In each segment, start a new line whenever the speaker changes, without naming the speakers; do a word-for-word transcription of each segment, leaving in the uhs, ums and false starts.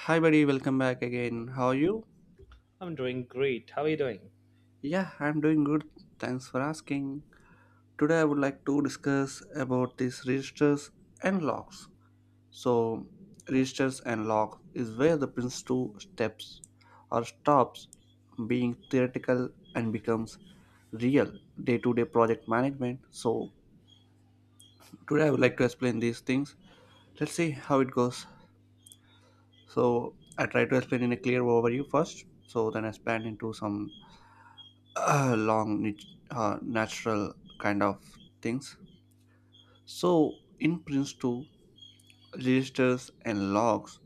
Hi, buddy, welcome back again. How are you?
I'm doing great. How are you doing?
Yeah, I'm doing good. Thanks for asking. Today, I would like to discuss about these registers and locks. So, registers and locks is where the Prince two steps or stops being theoretical and becomes real day to day project management. So, today, I would like to explain these things. Let's see how it goes. So, I try to explain in a clear overview first, so then I expand into some uh, long nat- uh, natural kind of things. So in Prince two, registers and logs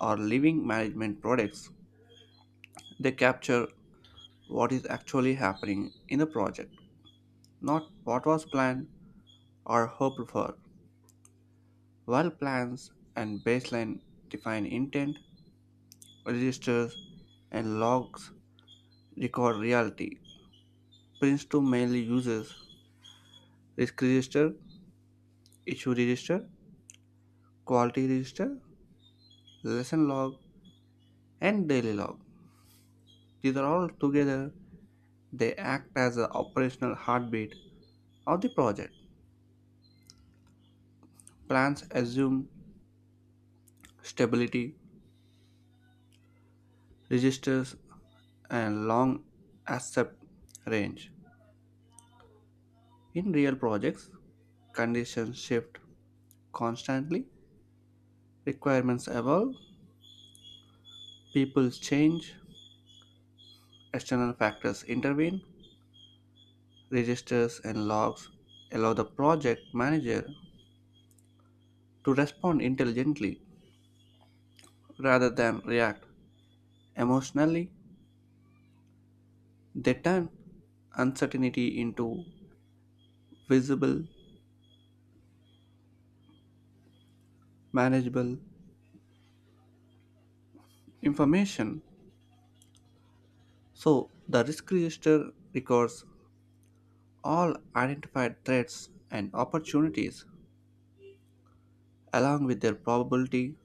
are living management products. They capture what is actually happening in a project, not what was planned or hoped for. While plans and baseline define intent, registers and logs record reality. Prince two mainly uses risk register, issue register, quality register, lesson log, and daily log. These are all together, they act as the operational heartbeat of the project. Plans assume stability, registers, and long accept range. In real projects, conditions shift constantly, requirements evolve, people change, external factors intervene, registers and logs allow the project manager to respond intelligently rather than react emotionally. They turn uncertainty into visible, manageable information. So the risk register records all identified threats and opportunities along with their probability,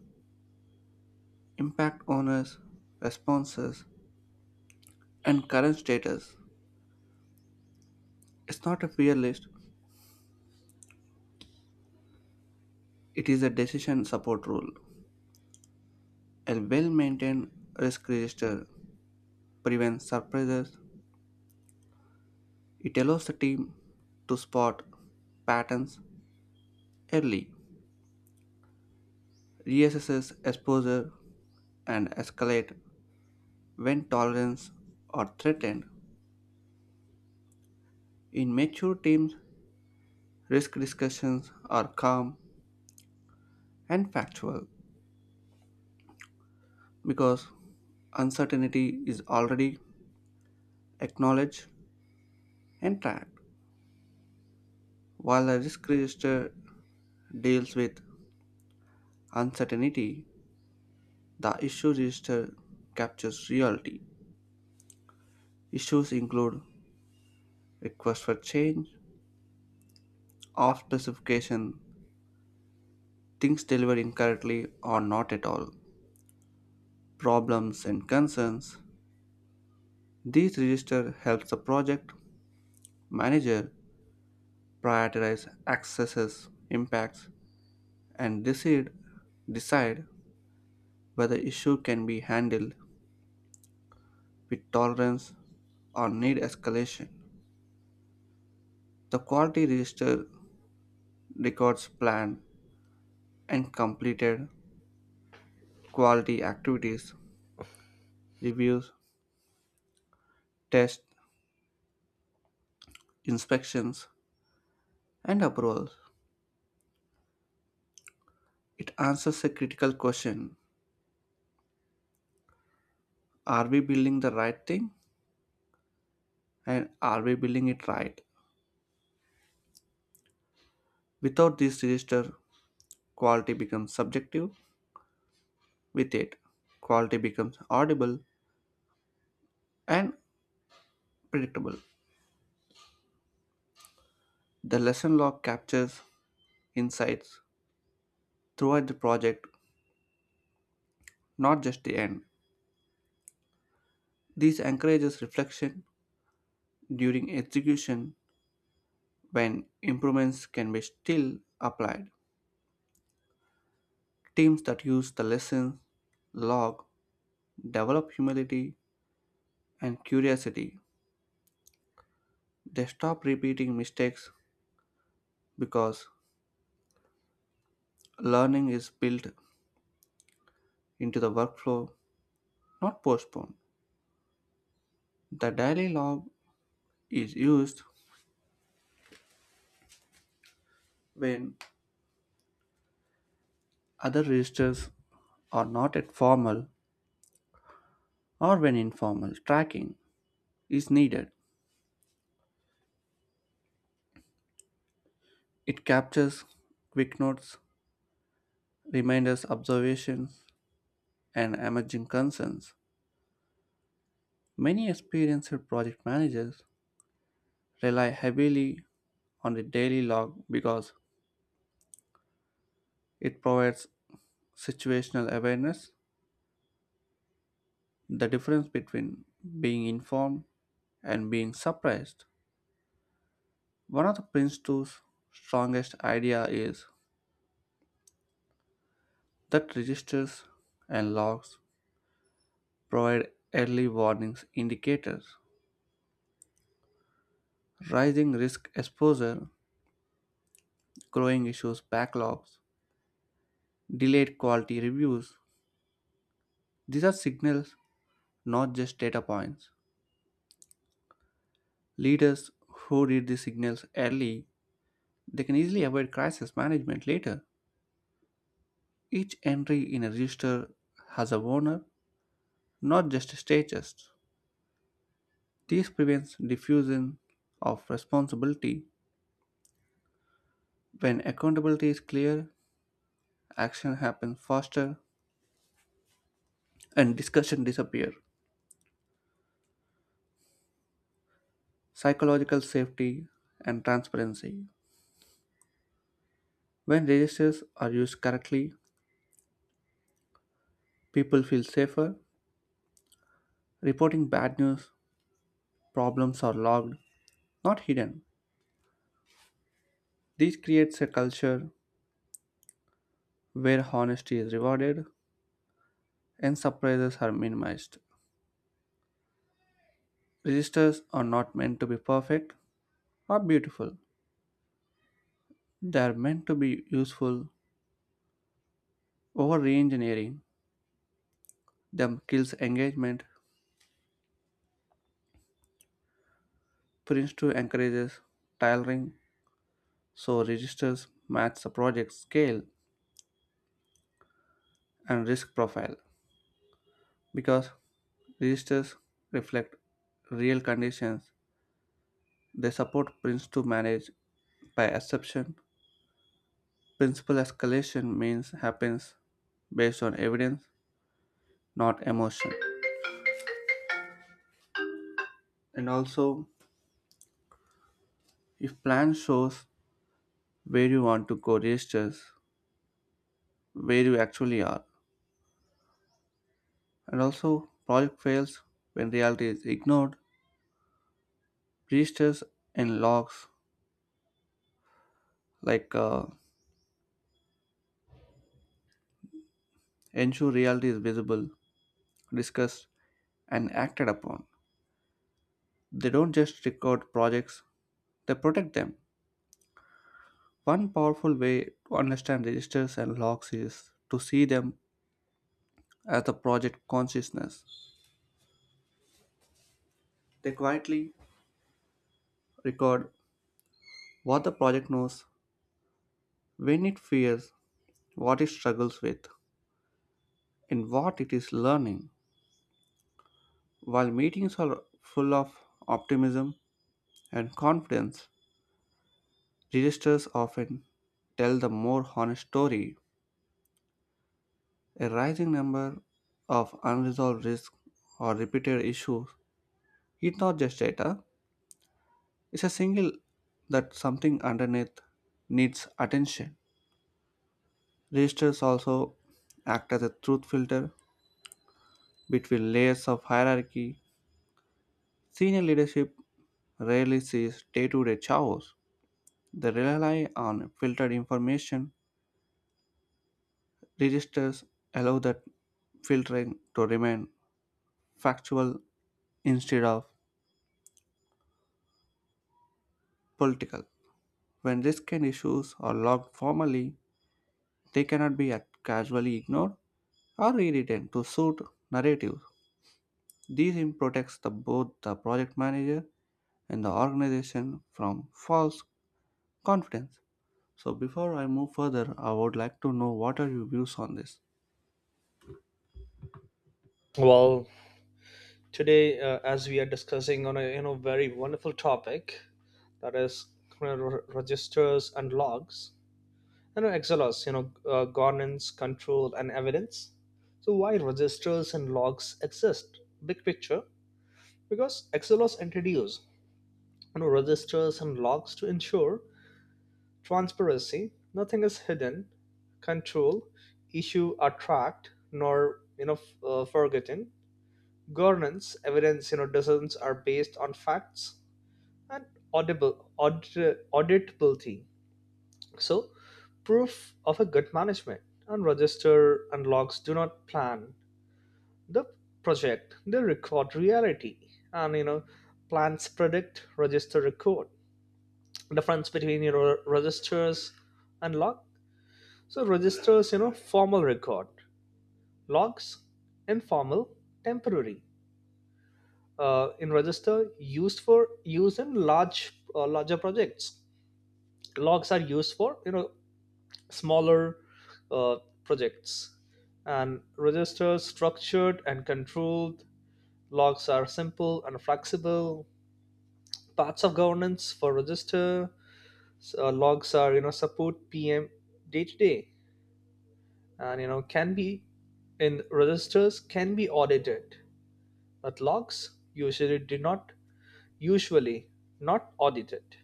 impact owners, responses, and current status. It's not a fear list, it is a decision support rule. A well maintained risk register prevents surprises. It allows the team to spot patterns early, reassess exposure, and escalate when tolerance are threatened. In mature teams, risk discussions are calm and factual because uncertainty is already acknowledged and tracked. While the risk register deals with uncertainty, the issue register captures reality. Issues include requests for change, off specification, things delivered incorrectly or not at all, problems and concerns. These register helps the project manager prioritize accesses, impacts, and decide decide whether issue can be handled with tolerance or need escalation. The quality register records planned and completed quality activities, reviews, tests, inspections, and approvals. It answers a critical question: are we building the right thing, and are we building it right? Without this register, quality becomes subjective. With it, quality becomes audible and predictable. The lesson log captures insights throughout the project, not just the end. This encourages reflection during execution when improvements can be still applied. Teams that use the lesson log develop humility and curiosity. They stop repeating mistakes because learning is built into the workflow, not postponed. The daily log is used when other registers are not at formal or when informal tracking is needed. It captures quick notes, reminders, observations, and emerging concerns. Many experienced project managers rely heavily on the daily log because it provides situational awareness, the difference between being informed and being surprised. One of the Prince two's strongest idea is that registers and logs provide early warnings indicators. Rising risk exposure, growing issues backlogs, delayed quality reviews. These are signals, not just data points. Leaders who read the signals early, they can easily avoid crisis management later. Each entry in a register has a owner, not just stages. This prevents diffusion of responsibility. When accountability is clear, action happens faster and discussion disappears. Psychological safety and transparency. When registers are used correctly, people feel safer. Reporting bad news, problems are logged, not hidden. This creates a culture where honesty is rewarded and surprises are minimized. Registers are not meant to be perfect or beautiful. They are meant to be useful. Over re-engineering them kills engagement. Prince two encourages tailoring so registers match the project scale and risk profile. Because registers reflect real conditions, they support Prince two manage by exception. Principal escalation means happens based on evidence, not emotion. And also, if plan shows where you want to go registers, where you actually are. And also, project fails when reality is ignored. Registers and logs like uh, ensure reality is visible, discussed, and acted upon. They don't just record projects, they protect them. One powerful way to understand registers and logs is to see them as the project consciousness. They quietly record what the project knows, when it fears, what it struggles with, and what it is learning. While meetings are full of optimism and confidence, registers often tell the more honest story. A rising number of unresolved risks or repeated issues, it's not just data, it's a signal that something underneath needs attention. Registers also act as a truth filter between layers of hierarchy. Senior leadership rarely sees day to day chaos. They rely on filtered information, registers allow that filtering to remain factual instead of political. When risk and issues are logged formally, they cannot be ac- casually ignored or rewritten to suit narratives. This aim protects the, both the project manager and the organization from false confidence. So, before I move further, I would like to know what are your views on this?
Well, today, uh, as we are discussing on a you know very wonderful topic, that is you know, re- registers and logs, you know X L Rs, you know uh, governance, control, and evidence. So why registers and logs exist? Big picture, because X L Rs introduce you know registers and logs to ensure transparency. Nothing is hidden, control, issue are tracked nor you know f- uh, forgotten, governance evidence, you know decisions are based on facts and audible audit, auditability, so proof of a good management. And register and logs do not plan the project, they record reality. And you know plans predict, register record. Difference between you know registers and log. So registers, you know formal record. Logs, informal, temporary. Uh, in register used for use in large uh, larger projects. Logs are used for you know smaller, uh, projects. And registers structured and controlled, logs are simple and flexible. Parts of governance for register, uh, logs are you know support PM day to day. And you know can be in registers can be audited, but logs usually do not usually not audited.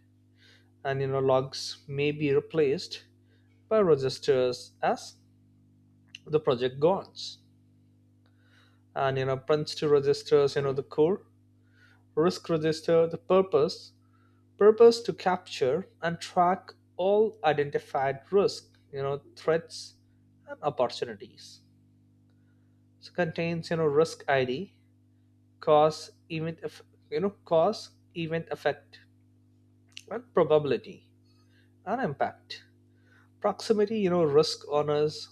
And you know, logs may be replaced by registers as the project goes. And you know, punch to registers, you know, the core, risk register, the purpose, purpose to capture and track all identified risk, you know, threats and opportunities. So contains, you know, risk I D, cause, event, you know, cause, event, effect, and probability and impact. Proximity, you know, risk owners.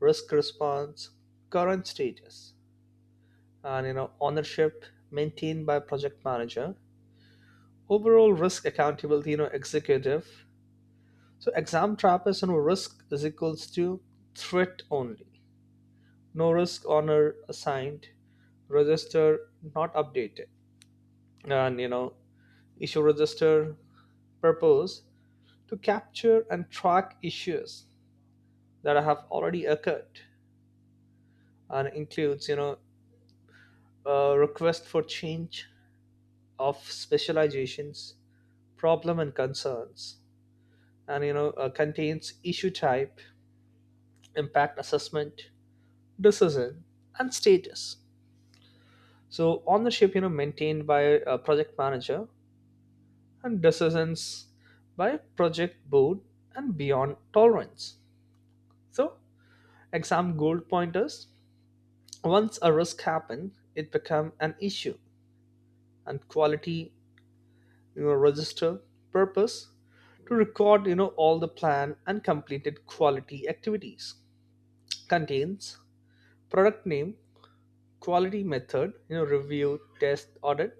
Risk response, current status, and you know ownership maintained by project manager, overall risk accountability, you know executive. So exam trap is you know risk is equals to threat only, no risk honor assigned, register not updated. And you know issue register, purpose to capture and track issues that have already occurred, and includes you know a request for change, of specializations, problem and concerns. And you know uh, contains issue type, impact assessment, decision, and status. So ownership, you know, maintained by a project manager, and decisions by project board and beyond tolerance. So exam goal pointers. Once a risk happens, it becomes an issue. And quality you know register, purpose to record you know all the plan and completed quality activities. Contains product name, quality method, you know, review, test, audit,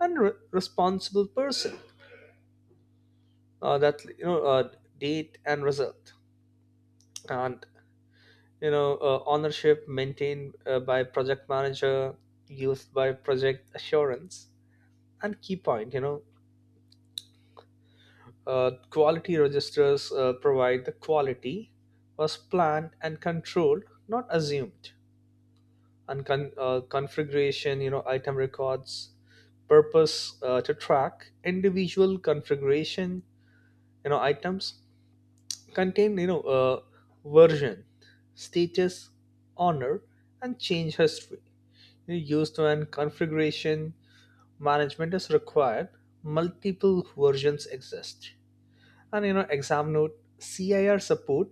and re- responsible person, uh, that you know uh, date and result. And you know uh, ownership maintained uh, by project manager, used by project assurance. And key point, you know, Uh, quality registers uh, provide the quality was planned and controlled, not assumed. And con- uh, configuration, you know, item records, purpose uh, to track individual configuration, you know, items. Contain, you know, uh, version, status, honor, and change history. You know, used when configuration management is required, multiple versions exist. And you know, exam note, C I R support,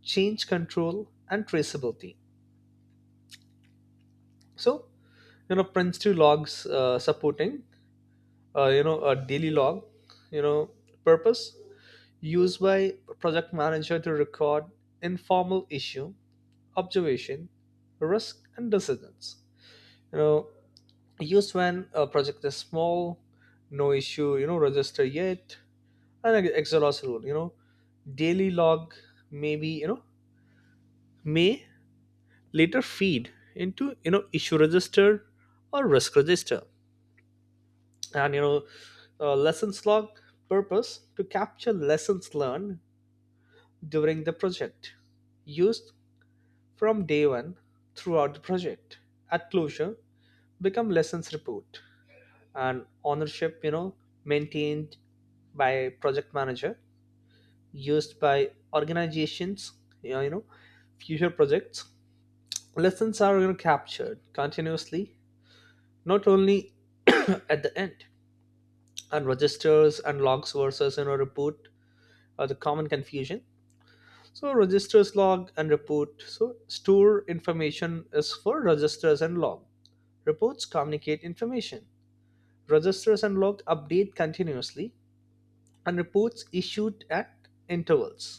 change control, and traceability. So, you know, Prince two logs uh, supporting, uh, you know, a daily log, you know, purpose, used by project manager to record informal issue, observation, risk, and decisions. You know, used when a project is small, no issue, you know, register yet. And ex- exhaust rule, you know, daily log maybe, you know, may later feed into you know issue register or risk register. And you know uh, lessons log, purpose to capture lessons learned during the project, used from day one throughout the project. At closure, become lessons report. And ownership you know maintained by project manager, used by organizations you know, you know future projects. Lessons are you know captured continuously, not only at the end. And registers and logs versus you know report are the common confusion. So registers, log, and report. So store information is for registers and log, reports communicate information. Registers and log update continuously, and reports issued at intervals.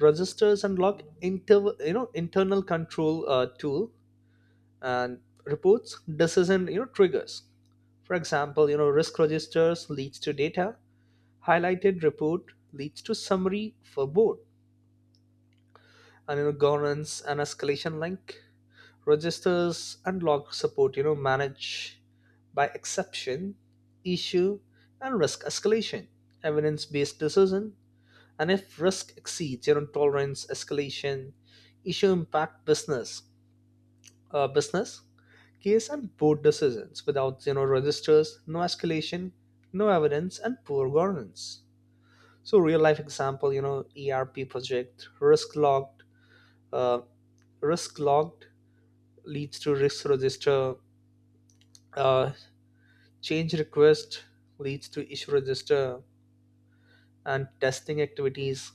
Registers and log, inter, you know internal control uh, tool, and reports decision you know triggers. For example, you know, risk registers leads to data, highlighted report leads to summary for board. And you know, governance and escalation link, registers and log support, you know, manage by exception, issue and risk escalation, evidence-based decision. And if risk exceeds you know tolerance escalation, issue impact business, uh, business case and board decisions. Without you know registers, no escalation, no evidence, and poor governance. So real life example, you know, E R P project, risk logged, uh, risk logged leads to risk register, uh, change request leads to issue register, and testing activities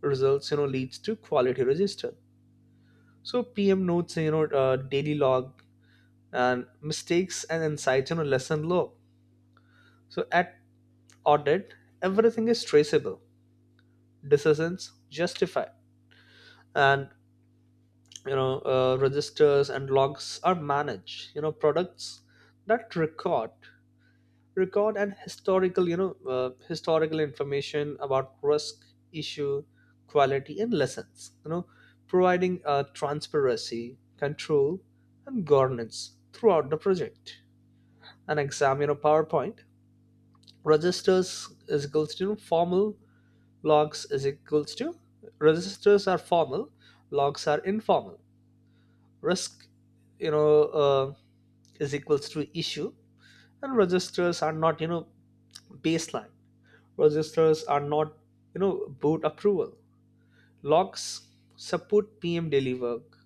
results you know leads to quality register. So P M notes you know uh, daily log, and mistakes and insights you know lesson log. So at audit, everything is traceable. Decisions justify. And you know uh, registers and logs are managed, you know, products that record, record and historical you know uh, historical information about risk, issue, quality, and lessons. You know providing uh, transparency, control, and governance throughout the project. An exam, you know, PowerPoint, registers is equals to you know formal, logs is equals to, registers are formal, logs are informal. Risk you know uh, is equals to issue. And registers are not you know baseline, registers are not you know boot approval. Logs support PM daily work,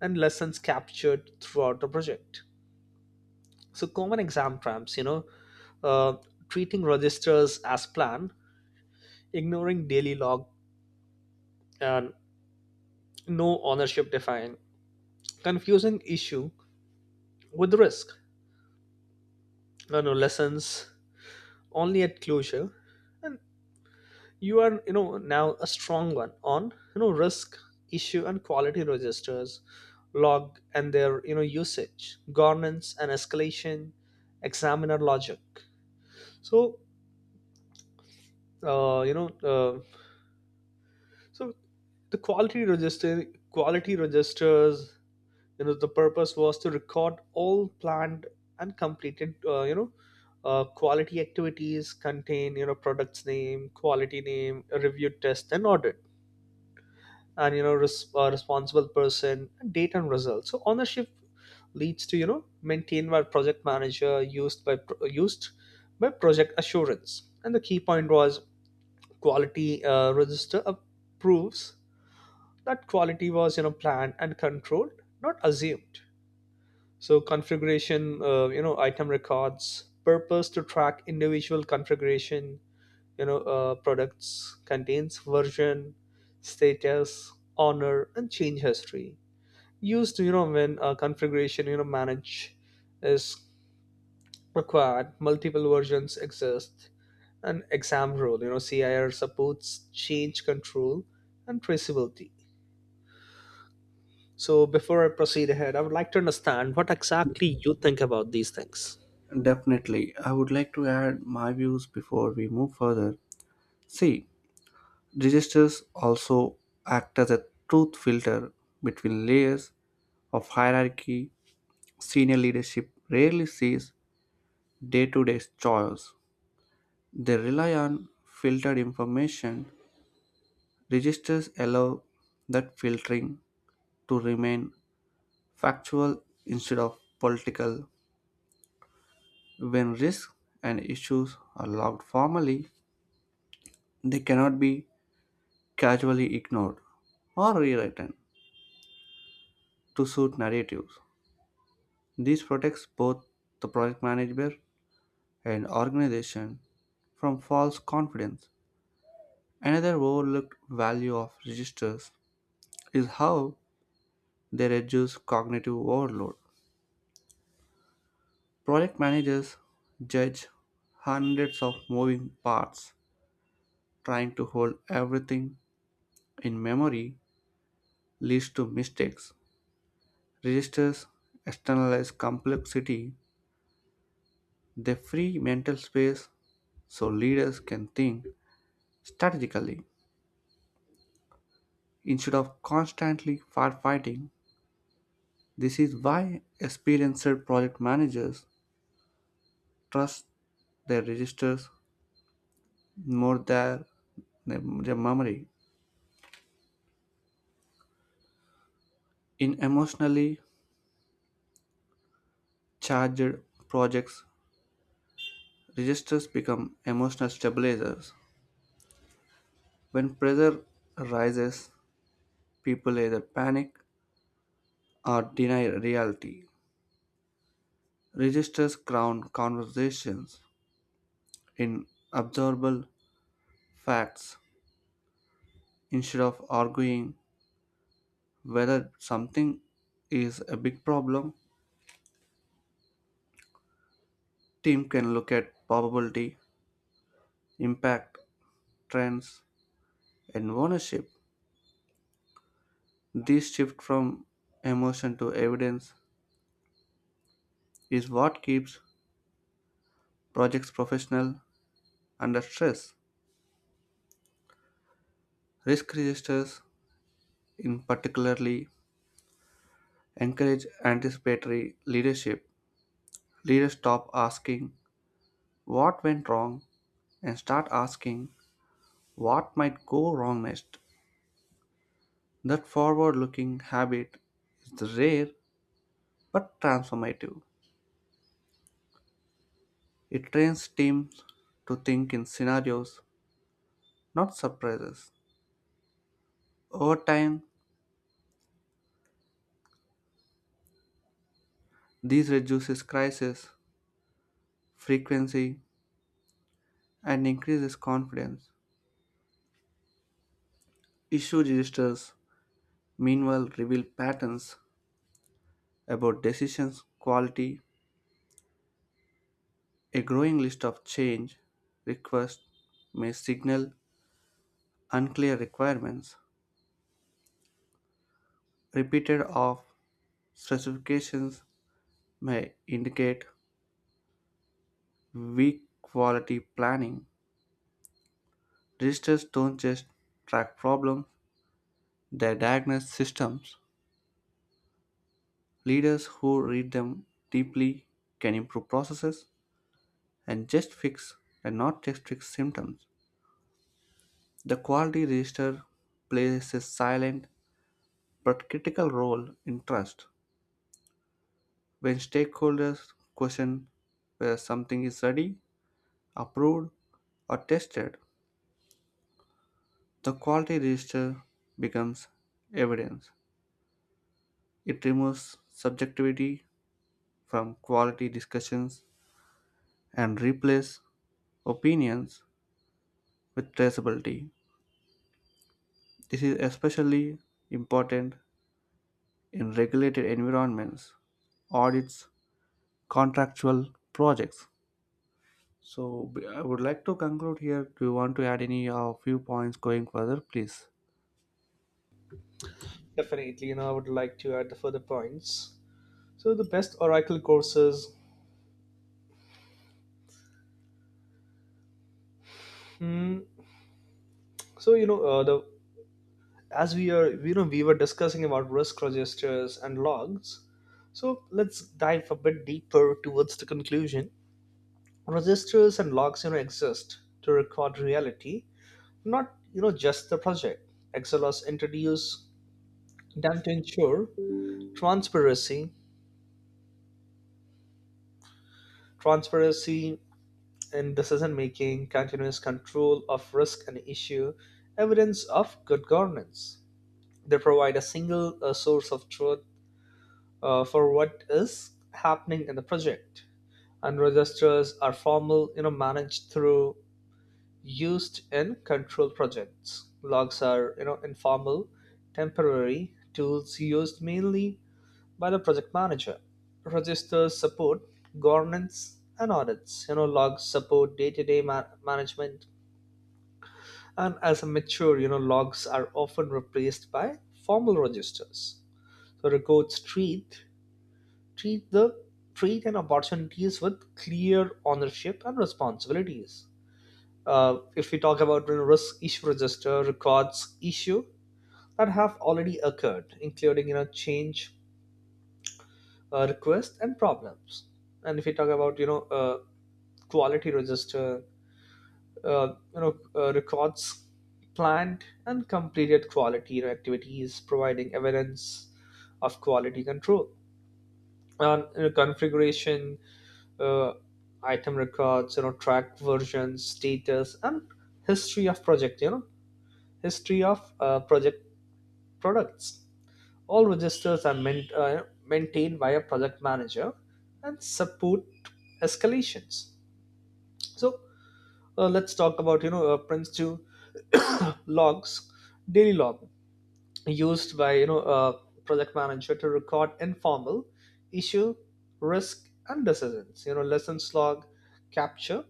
and lessons captured throughout the project. So common exam prompts, you know uh, treating registers as planned, ignoring daily log, and no ownership defined, confusing issue with risk, no no lessons only at closure. And you are you know now a strong one on you know risk, issue, and quality registers, log, and their you know usage, governance, and escalation examiner logic. So uh, you know uh, so the quality register quality registers, you know, the purpose was to record all planned and completed uh, you know uh, quality activities. Contain you know products name, quality name, a review, test, and audit. And you know res- uh, responsible person, date, and results. So ownership leads to you know maintained by project manager, used by pro- used by project assurance. And the key point was quality uh, register approves that quality was you know planned and controlled, not assumed. So configuration uh, you know item records, purpose to track individual configuration, you know uh, products. Contains version, status, honor, and change history. Used you know when a configuration you know manage is required, multiple versions exist. And exam rule, you know, CIR supports change control and traceability. So before I proceed ahead I would like to understand what exactly you think about these things.
Definitely, I would like to add my views before we move further. See, registers also act as a truth filter between layers of hierarchy. Senior leadership rarely sees day to day choice. They rely on filtered information. Registers allow that filtering to remain factual instead of political. When risks and issues are logged formally, they cannot be casually ignored or rewritten to suit narratives. This protects both the project manager and organization from false confidence. Another overlooked value of registers is how they reduce cognitive overload. Project managers judge hundreds of moving parts. Trying to hold everything in memory leads to mistakes. Registers externalize complexity, they free mental space so leaders can think strategically instead of constantly firefighting. This is why experienced project managers trust their registers more than their their memory. In emotionally charged projects, registers become emotional stabilizers. When pressure rises, people either panic or deny reality. Registers crown conversations in observable facts. Instead of arguing whether something is a big problem, team can look at probability, impact, trends, and ownership. This shift from emotion to evidence is what keeps projects professional under stress. Risk registers in particularly encourage anticipatory leadership. Leaders stop asking what went wrong and start asking what might go wrong next. That forward-looking habit is rare but transformative. It trains teams to think in scenarios, not surprises. Over time, this reduces crisis frequency and increases confidence. Issue registers, meanwhile, reveal patterns about decisions quality. A growing list of change requests may signal unclear requirements, repeated off specifications, may indicate weak quality planning. Registers don't just track problems, they diagnose systems. Leaders who read them deeply can improve processes and just fix and not just fix symptoms. The quality register plays a silent but critical role in trust. When stakeholders question whether something is ready, approved, or tested, the quality register becomes evidence. It removes subjectivity from quality discussions and replaces opinions with traceability. This is especially important in regulated environments, audits, contractual projects. So b- I would like to conclude here. Do you want to add any uh, few points going further, please?
Definitely, you know, I would like to add the further points. So the best Oracle courses. Mm, so you know, uh, the as we are, you know, we were discussing about risk registers and logs. So let's dive a bit deeper towards the conclusion. Registers and logs, you know, exist to record reality, not you know just the project. Excel has introduced them to ensure transparency, transparency in decision making, continuous control of risk and issue, evidence of good governance. They provide a single uh, source of truth uh, for what is happening in the project. And registers are formal, you know, managed through used in control projects. Logs are, you know, informal, temporary tools used mainly by the project manager. Registers support governance and audits. You know, logs support day-to-day ma- management. And as a mature you know logs are often replaced by formal registers, so records treat treat the treat and opportunities with clear ownership and responsibilities. Uh, if we talk about you know risk issue register, records issue that have already occurred including you know change uh, requests and problems. And if we talk about you know uh, quality register, uh, you know, uh, records planned and completed quality you know activities, providing evidence of quality control. And you know, configuration, uh, item records, you know, track versions, status, and history of project. You know, history of uh, project products. All registers are main, uh, maintained by a project manager and support escalations. So Uh, let's talk about you know uh, Prince two logs. Daily log used by you know a project manager to record informal issue, risk, and decisions. You know lessons log capture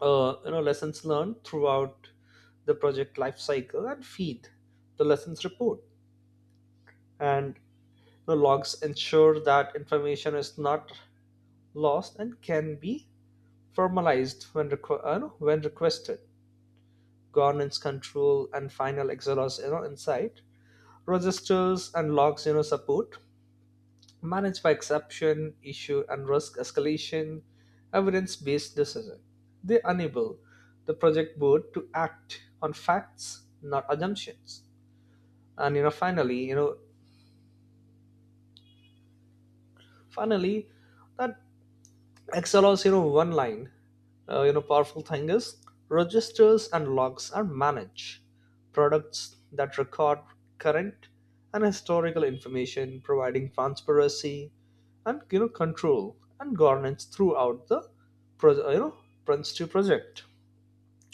uh, you know lessons learned throughout the project life cycle and feed the lessons report. And the logs ensure that information is not lost and can be formalized when, requ- uh, no, when requested. Governance, control, and final exhaust you know insight, registers and logs you know support managed by exception, issue and risk escalation, evidence based decision. They enable the project board to act on facts, not assumptions. And you know finally you know finally, that excel you know one line uh, you know powerful thing is, registers and logs are managed products that record current and historical information, providing transparency and you know control and governance throughout the pro- uh, you know Prince two project.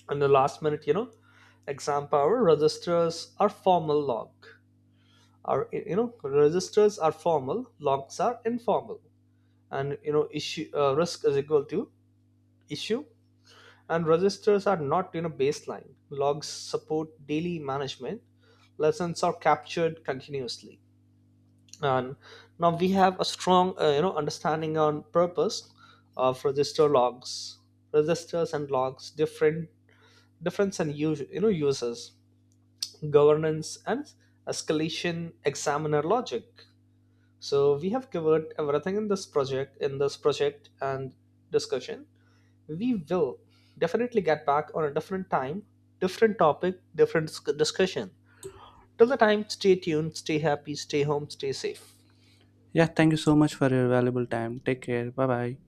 And the last minute you know exam power, registers are formal log are you know registers are formal, logs are informal. And you know issue uh, risk is equal to issue, and registers are not you know baseline, logs support daily management, lessons are captured continuously. And now we have a strong uh, you know understanding on purpose of register logs, registers and logs different difference and use you know uses, governance and escalation examiner logic. So we have covered everything in this project in this project and discussion. We will definitely get back on a different time, different topic, different sc- discussion. Till the time, stay tuned, stay happy, stay home, stay safe.
Yeah, thank you so much for your valuable time. Take care. Bye bye.